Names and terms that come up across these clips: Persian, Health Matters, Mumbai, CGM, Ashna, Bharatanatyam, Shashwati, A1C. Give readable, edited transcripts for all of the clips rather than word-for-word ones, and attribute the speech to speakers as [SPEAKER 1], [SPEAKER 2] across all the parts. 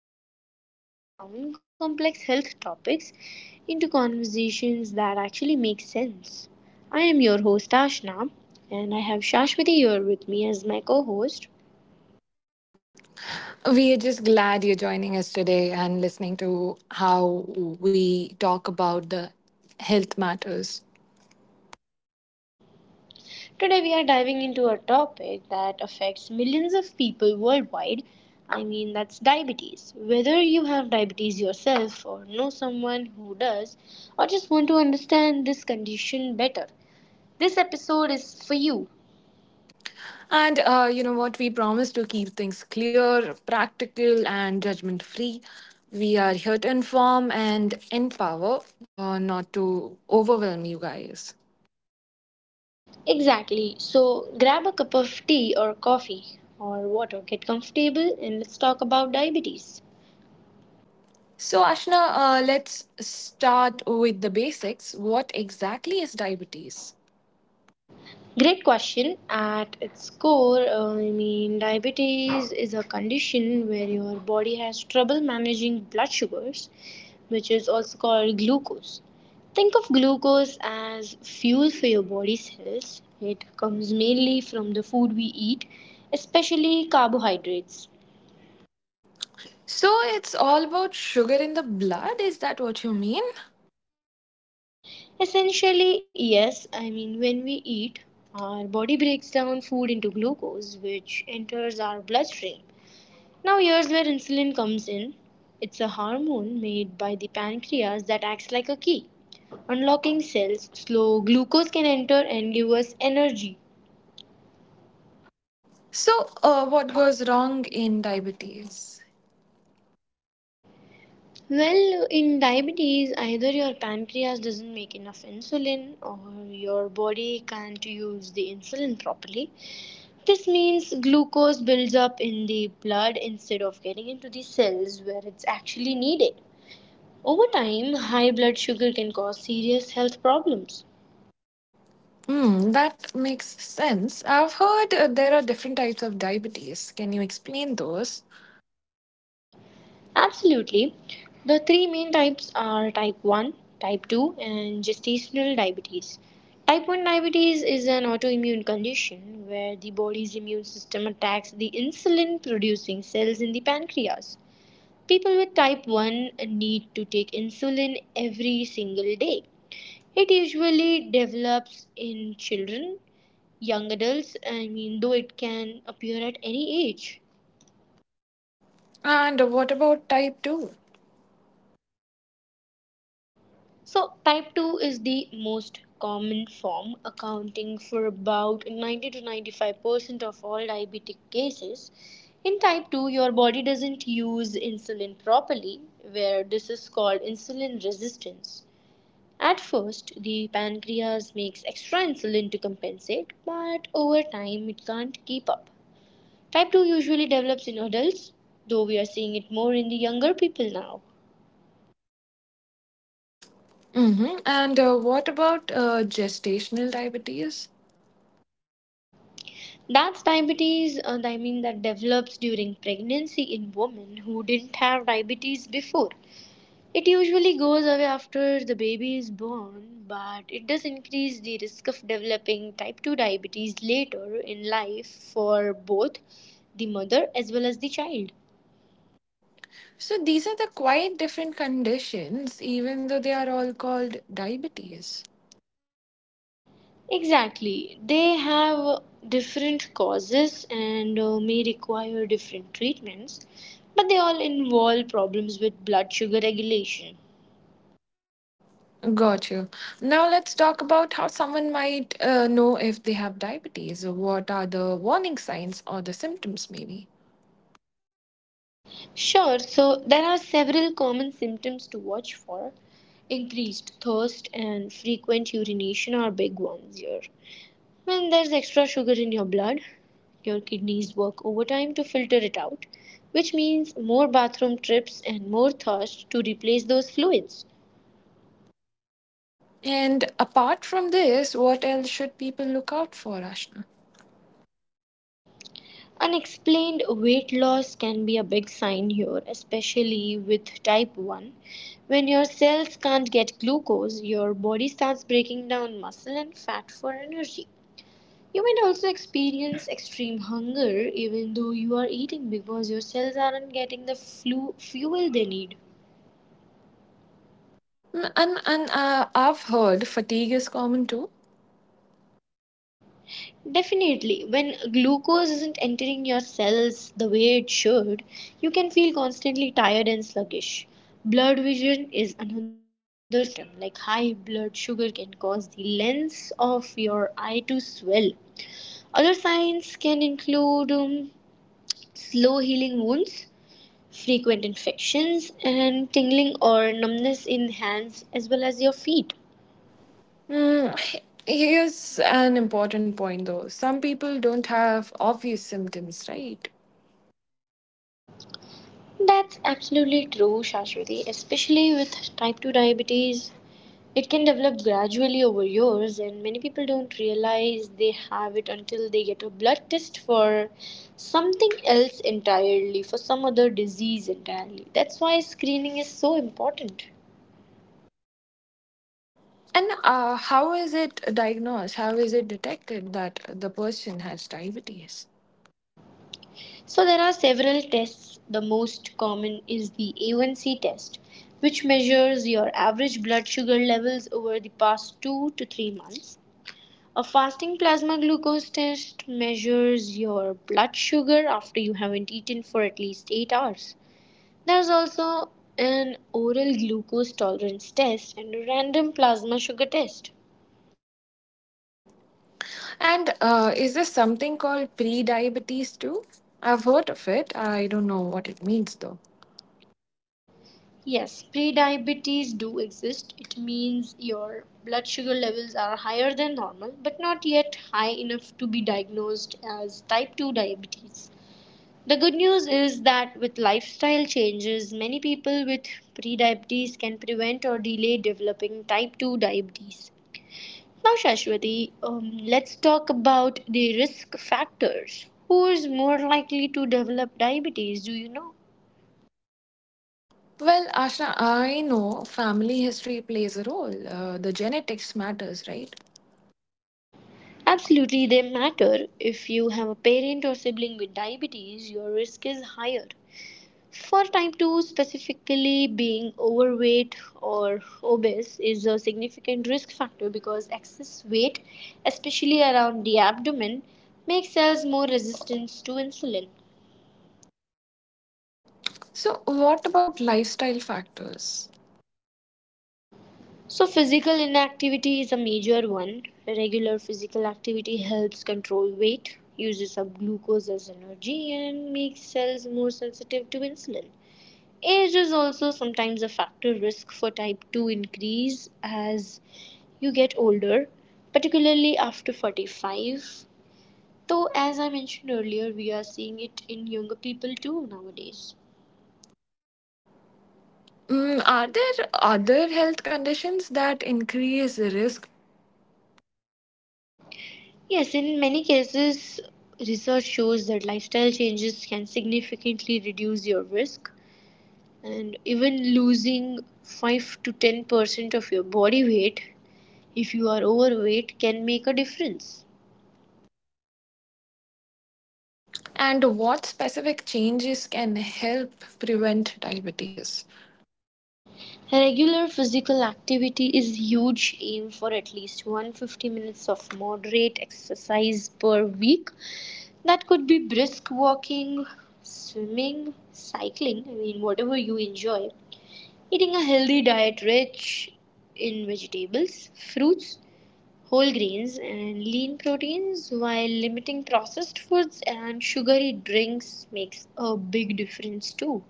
[SPEAKER 1] podcast where we break down complex health topics into conversations that actually make sense. I am your host, Ashna, and I have Shashwati here with me as my co host.
[SPEAKER 2] We are just glad you're joining us today and listening to how we talk about the health matters.
[SPEAKER 1] Today, we are diving into a topic that affects millions of people worldwide. I mean, that's diabetes. Whether you have diabetes yourself, or know someone who does, or just want to understand this condition better, this episode is for you.
[SPEAKER 2] And you know what? We promise to keep things clear, practical, and judgment free. We are here to inform and empower, not to overwhelm you guys.
[SPEAKER 1] Exactly. So grab a cup of tea or coffee or water, get comfortable, and let's talk about diabetes.
[SPEAKER 2] So, Ashna, let's start with the basics. What exactly is diabetes?
[SPEAKER 1] Great question. At its core, I mean, diabetes is a condition where your body has trouble managing blood sugars, which is also called glucose. Think of glucose as fuel for your body cells. It comes mainly from the food we eat, especially carbohydrates.
[SPEAKER 2] So, it's all about sugar in the blood. Is that what you mean?
[SPEAKER 1] Essentially, yes. I mean, when we eat, our body breaks down food into glucose, which enters our bloodstream. Now, here's where insulin comes in. It's a hormone made by the pancreas that acts like a key, unlocking cells. Slow glucose can enter and give us energy.
[SPEAKER 2] So, what goes wrong in diabetes?
[SPEAKER 1] Well, in diabetes, either your pancreas doesn't make enough insulin or your body can't use the insulin properly. This means glucose builds up in the blood instead of getting into the cells where it's actually needed. Over time, high blood sugar can cause serious health problems.
[SPEAKER 2] Hmm, that makes sense. I've heard there are different types of diabetes. Can you explain those?
[SPEAKER 1] Absolutely. The three main types are type 1, type 2, and gestational diabetes. Type 1 diabetes is an autoimmune condition where the body's immune system attacks the insulin producing cells in the pancreas. People with type 1 need to take insulin every single day. It usually develops in children, young adults, I mean, though it can appear at any age.
[SPEAKER 2] And what about type 2?
[SPEAKER 1] So, type 2 is the most common form, accounting for about 90 to 95% of all diabetic cases. In type 2, your body doesn't use insulin properly, where this is called insulin resistance. At first, the pancreas makes extra insulin to compensate, but over time, it can't keep up. Type 2 usually develops in adults, though we are seeing it more in the younger people now.
[SPEAKER 2] Mm-hmm. And what about gestational diabetes?
[SPEAKER 1] That's diabetes, I mean, that develops during pregnancy in women who didn't have diabetes before. It usually goes away after the baby is born, but it does increase the risk of developing type 2 diabetes later in life for both the mother as well as the child.
[SPEAKER 2] So, these are the quite different conditions, even though they are all called diabetes.
[SPEAKER 1] Exactly. They have different causes and may require different treatments, but they all involve problems with blood sugar regulation.
[SPEAKER 2] Got you. Now, let's talk about how someone might know if they have diabetes. What are the warning signs or the symptoms, maybe?
[SPEAKER 1] Sure, so there are several common symptoms to watch for. Increased thirst and frequent urination are big ones here. When there's extra sugar in your blood, your kidneys work overtime to filter it out, which means more bathroom trips and more thirst to replace those fluids.
[SPEAKER 2] And apart from this, what else should people look out for, Ashna?
[SPEAKER 1] Unexplained weight loss can be a big sign here, especially with type 1. When your cells can't get glucose, your body starts breaking down muscle and fat for energy. You might also experience extreme hunger even though you are eating because your cells aren't getting the fuel they need.
[SPEAKER 2] Mm, And I've heard fatigue is common too.
[SPEAKER 1] Definitely, when glucose isn't entering your cells the way it should, you can feel constantly tired and sluggish. Blurred vision is another symptom, like high blood sugar can cause the lens of your eye to swell. Other signs can include slow healing wounds, frequent infections, and tingling or numbness in hands as well as your feet.
[SPEAKER 2] Mm, here's an important point though. Some people don't have obvious symptoms, right?
[SPEAKER 1] That's absolutely true, Shashwati, especially with type 2 diabetes. It can develop gradually over years, and many people don't realize they have it until they get a blood test for something else entirely, for some other disease entirely. That's why screening is so important.
[SPEAKER 2] And how is it diagnosed? How is it detected that the person has diabetes?
[SPEAKER 1] So, there are several tests. The most common is the A1C test, which measures your average blood sugar levels over the past 2 to 3 months. A fasting plasma glucose test measures your blood sugar after you haven't eaten for at least 8 hours. There's also an oral glucose tolerance test and a random plasma sugar test.
[SPEAKER 2] And is this something called pre-diabetes too? I've heard of it. I don't know what it means though.
[SPEAKER 1] Yes, prediabetes do exist. It means your blood sugar levels are higher than normal but not yet high enough to be diagnosed as type 2 diabetes. The good news is that with lifestyle changes, many people with prediabetes can prevent or delay developing type 2 diabetes. Now, Shashwati, let's talk about the risk factors. Who is more likely to develop diabetes? Do you know?
[SPEAKER 2] Well, Ashna, I know family history plays a role. The genetics matters, right?
[SPEAKER 1] Absolutely, they matter. If you have a parent or sibling with diabetes, your risk is higher. For type 2 specifically, being overweight or obese is a significant risk factor because excess weight, especially around the abdomen, makes cells more resistant to insulin.
[SPEAKER 2] So, what about lifestyle factors?
[SPEAKER 1] So, physical inactivity is a major one. Regular physical activity helps control weight, uses up glucose as energy, and makes cells more sensitive to insulin. Age is also sometimes a factor risk for type 2 increase as you get older, particularly after 45. Though, as I mentioned earlier, we are seeing it in younger people too nowadays.
[SPEAKER 2] Mm, are there other health conditions that increase the risk?
[SPEAKER 1] Yes, in many cases, research shows that lifestyle changes can significantly reduce your risk, and even losing 5 to 10% of your body weight if you are overweight can make a difference.
[SPEAKER 2] And what specific changes can help prevent diabetes?
[SPEAKER 1] Regular physical activity is huge. Aim for at least 150 minutes of moderate exercise per week. That could be brisk walking, swimming, cycling, I mean, whatever you enjoy. Eating a healthy diet rich in vegetables, fruits, whole grains, and lean proteins while limiting processed foods and sugary drinks makes a big difference too.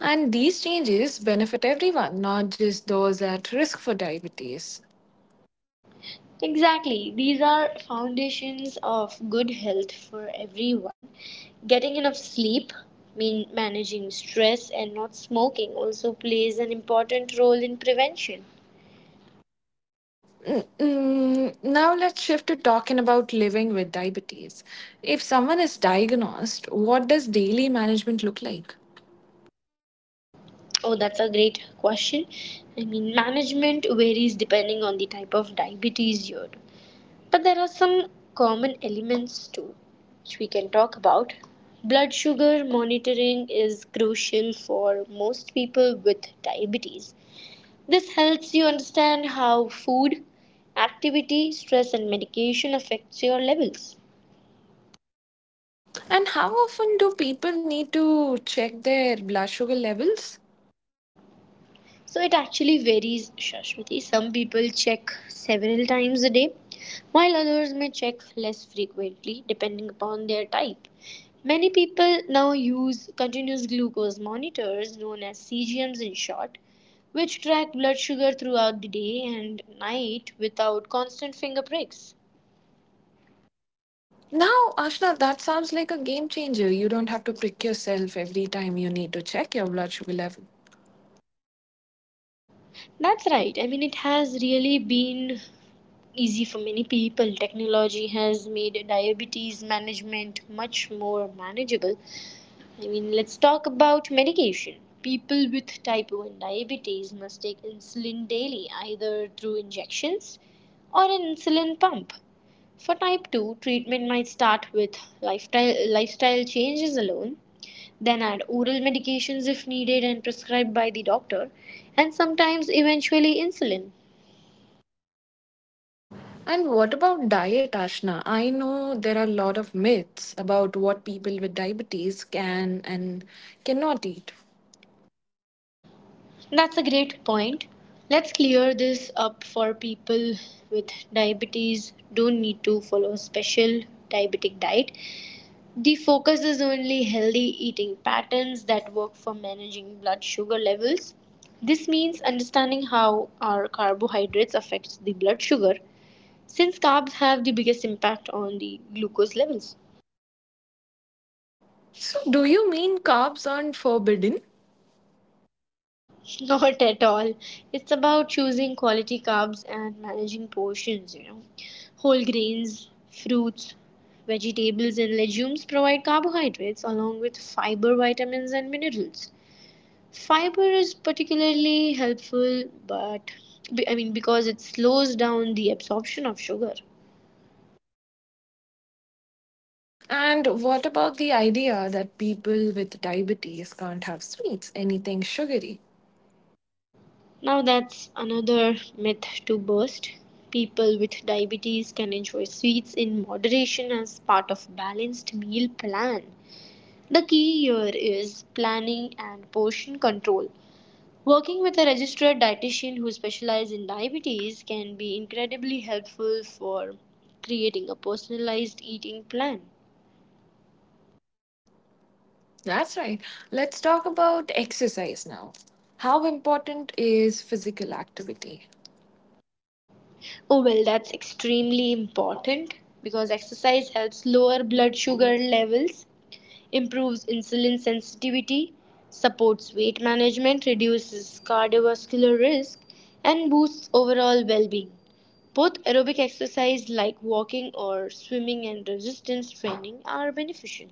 [SPEAKER 2] And these changes benefit everyone, not just those at risk for diabetes.
[SPEAKER 1] Exactly. These are foundations of good health for everyone. Getting enough sleep, mean managing stress and not smoking also plays an important role in prevention.
[SPEAKER 2] Mm, now let's shift to talking about living with diabetes. If someone is diagnosed, what does daily management look like?
[SPEAKER 1] Oh, that's a great question. I mean, management varies depending on the type of diabetes you're. But there are some common elements too, which we can talk about. Blood sugar monitoring is crucial for most people with diabetes. This helps you understand how food, activity, stress, and medication affects your levels.
[SPEAKER 2] And how often do people need to check their blood sugar levels?
[SPEAKER 1] So it actually varies, Shashwati. Some people check several times a day, while others may check less frequently depending upon their type. Many people now use continuous glucose monitors, known as CGMs in short, which track blood sugar throughout the day and night without constant finger pricks.
[SPEAKER 2] Now, Ashna, that sounds like a game changer. You don't have to prick yourself every time you need to check your blood sugar level.
[SPEAKER 1] That's right. I mean, it has really been easy for many people. Technology has made diabetes management much more manageable. I mean, let's talk about medication. People with type 1 diabetes must take insulin daily, either through injections or an insulin pump. For type 2, treatment might start with lifestyle changes alone, then add oral medications if needed and prescribed by the doctor, and sometimes eventually insulin.
[SPEAKER 2] And what about diet, Ashna? I know there are a lot of myths about what people with diabetes can and cannot eat.
[SPEAKER 1] That's a great point. Let's clear this up for people with diabetes don't need to follow a special diabetic diet. The focus is only healthy eating patterns that work for managing blood sugar levels. This means understanding how our carbohydrates affects the blood sugar since carbs have the biggest impact on the glucose levels.
[SPEAKER 2] So, do you mean carbs aren't forbidden?
[SPEAKER 1] Not at all. It's about choosing quality carbs and managing portions, you know. Whole grains, fruits, vegetables, and legumes provide carbohydrates along with fiber, vitamins, and minerals. Fiber is particularly helpful, but I mean, because it slows down the absorption of sugar.
[SPEAKER 2] And what about the idea that people with diabetes can't have sweets, anything sugary?
[SPEAKER 1] Now, that's another myth to burst. People with diabetes can enjoy sweets in moderation as part of balanced meal plan. The key here is planning and portion control. Working with a registered dietitian who specializes in diabetes can be incredibly helpful for creating a personalized eating plan.
[SPEAKER 2] That's right. Let's talk about exercise now. How important is physical activity?
[SPEAKER 1] Oh, well, that's extremely important because exercise helps lower blood sugar levels, improves insulin sensitivity, supports weight management, reduces cardiovascular risk, and boosts overall well being. Both aerobic exercise like walking or swimming and resistance training are beneficial.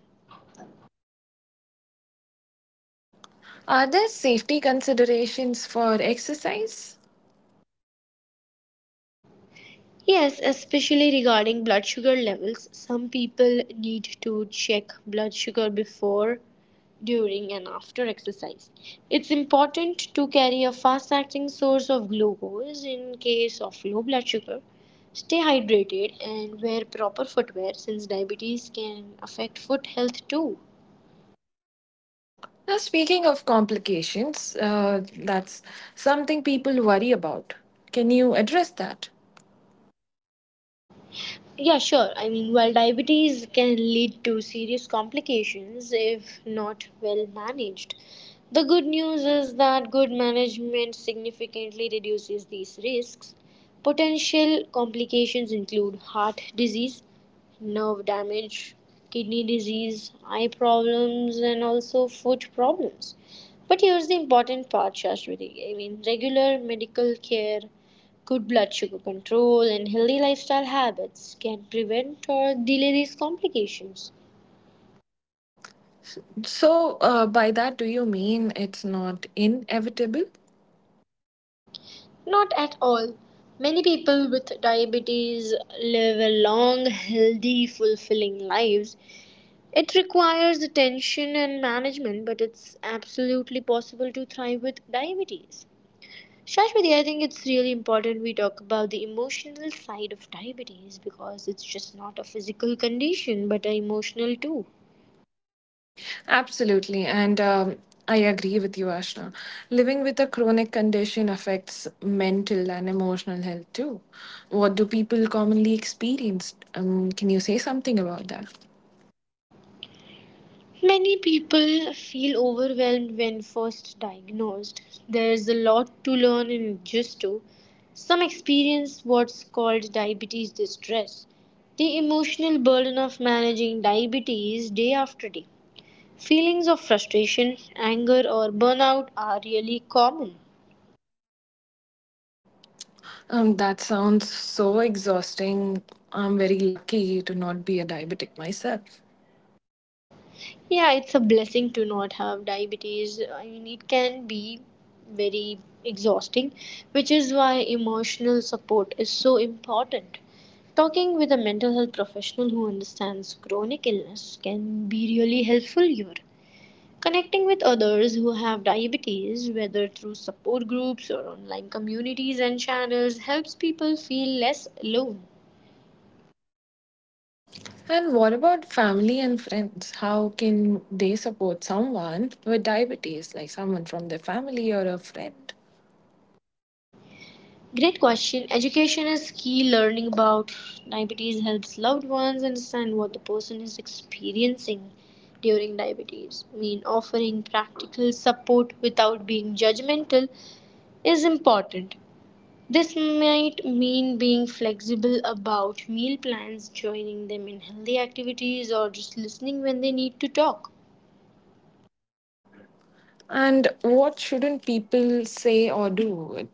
[SPEAKER 2] Are there safety considerations for exercise?
[SPEAKER 1] Yes, especially regarding blood sugar levels, some people need to check blood sugar before, during, and after exercise. It's important to carry a fast acting source of glucose in case of low blood sugar. Stay hydrated and wear proper footwear since diabetes can affect foot health too.
[SPEAKER 2] Now, speaking of complications, that's something people worry about. Can you address that?
[SPEAKER 1] Yeah, sure. I mean, while diabetes can lead to serious complications if not well managed, the good news is that good management significantly reduces these risks. Potential complications include heart disease, nerve damage, kidney disease, eye problems, and also foot problems. But here's the important part, Shashwati. I mean, regular medical care, good blood sugar control and healthy lifestyle habits can prevent or delay these complications.
[SPEAKER 2] So, by that, do you mean it's not inevitable?
[SPEAKER 1] Not at all. Many people with diabetes live a long, healthy, fulfilling lives. It requires attention and management, but it's absolutely possible to thrive with diabetes. Shashwati, I think it's really important we talk about the emotional side of diabetes because it's just not a physical condition but a emotional too.
[SPEAKER 2] Absolutely. And I agree with you, Ashna. Living with a chronic condition affects mental and emotional health too. What do people commonly experience? Can you say something about that?
[SPEAKER 1] Many people feel overwhelmed when first diagnosed. There's a lot to learn and adjust to. Some experience what's called diabetes distress, the emotional burden of managing diabetes day after day. Feelings of frustration, anger, or burnout are really common.
[SPEAKER 2] That sounds so exhausting. I'm very lucky to not be a diabetic myself.
[SPEAKER 1] Yeah, it's a blessing to not have diabetes. I mean, it can be very exhausting, which is why emotional support is so important. Talking with a mental health professional who understands chronic illness can be really helpful here. Connecting with others who have diabetes, whether through support groups or online communities and channels, helps people feel less alone.
[SPEAKER 2] And what about family and friends? How can they support someone with diabetes, like someone from their family or a friend?
[SPEAKER 1] Great question. Education is key. Learning about diabetes helps loved ones understand what the person is experiencing during diabetes. I mean, offering practical support without being judgmental is important. This might mean being flexible about meal plans, joining them in healthy activities, or just listening when they need to talk.
[SPEAKER 2] And what shouldn't people say or do?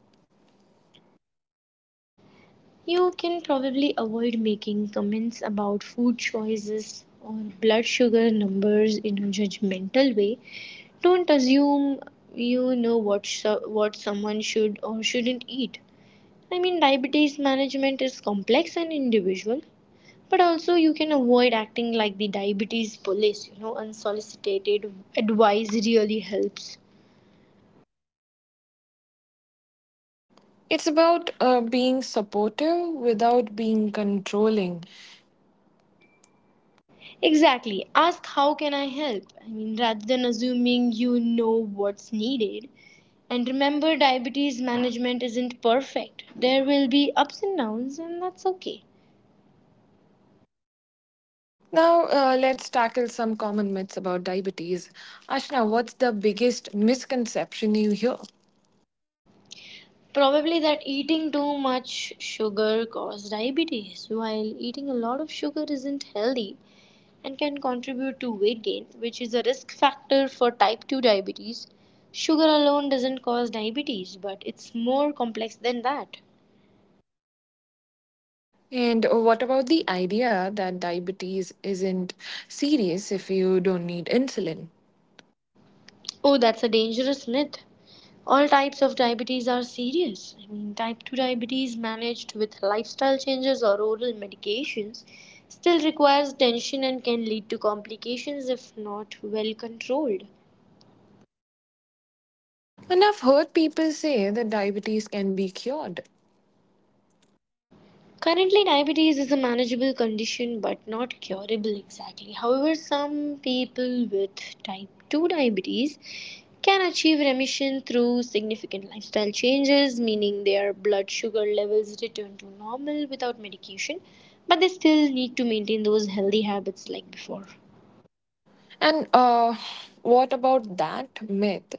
[SPEAKER 1] You can probably avoid making comments about food choices or blood sugar numbers in a judgmental way. Don't assume you know what what someone should or shouldn't eat. I mean, diabetes management is complex and individual, but also you can avoid acting like the diabetes police. You know, unsolicited advice really helps.
[SPEAKER 2] It's about being supportive without being controlling.
[SPEAKER 1] Exactly. Ask how can I help? I mean, rather than assuming you know what's needed, and remember, diabetes management isn't perfect. There will be ups and downs, and that's okay.
[SPEAKER 2] Now, let's tackle some common myths about diabetes. Ashna, what's the biggest misconception you hear?
[SPEAKER 1] Probably that eating too much sugar causes diabetes, while eating a lot of sugar isn't healthy and can contribute to weight gain, which is a risk factor for type 2 diabetes. Sugar alone doesn't cause diabetes, but it's more complex than that.
[SPEAKER 2] And what about the idea that diabetes isn't serious if you don't need insulin?
[SPEAKER 1] Oh, that's a dangerous myth. All types of diabetes are serious. I mean, type 2 diabetes managed with lifestyle changes or oral medications still requires attention and can lead to complications if not well controlled.
[SPEAKER 2] And I've heard people say that diabetes can be cured.
[SPEAKER 1] Currently, diabetes is a manageable condition but not curable exactly. However, some people with type 2 diabetes can achieve remission through significant lifestyle changes, meaning their blood sugar levels return to normal without medication, but they still need to maintain those healthy habits like before.
[SPEAKER 2] And what about that myth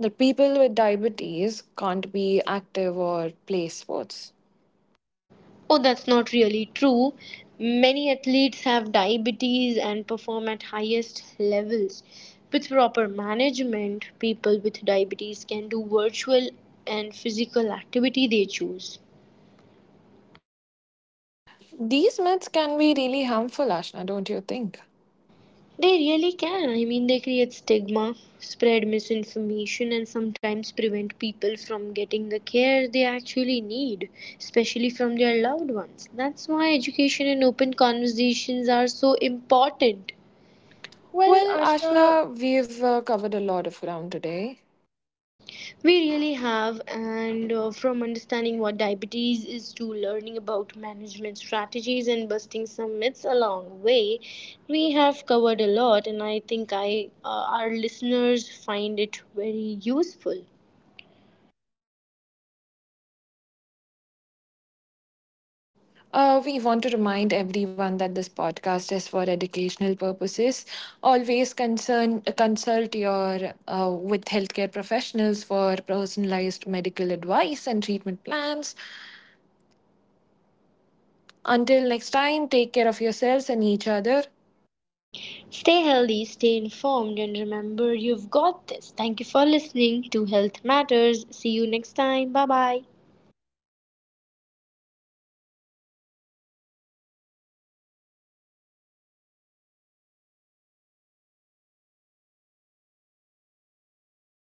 [SPEAKER 2] that people with diabetes can't be active or play sports?
[SPEAKER 1] Oh, that's not really true. Many athletes have diabetes and perform at highest levels. With proper management, people with diabetes can do virtual and physical activity they choose.
[SPEAKER 2] These myths can be really harmful, Ashna, don't you think?
[SPEAKER 1] They really can. I mean, they create stigma, spread misinformation, and sometimes prevent people from getting the care they actually need, especially from their loved ones. That's why education and open conversations are so important. Well,
[SPEAKER 2] Well,
[SPEAKER 1] Ashna,
[SPEAKER 2] Ashna, we've covered a lot of ground today.
[SPEAKER 1] we really have, and from understanding what diabetes is to learning about management strategies and busting some myths along the way, we have covered a lot, and I think I our listeners find it very useful.
[SPEAKER 2] We want to remind everyone that this podcast is for educational purposes. Always consult your with healthcare professionals for personalized medical advice and treatment plans. Until next time, take care of yourselves and each other.
[SPEAKER 1] Stay healthy, stay informed, and remember you've got this. Thank you for listening to Health Matters. See you next time. Bye bye.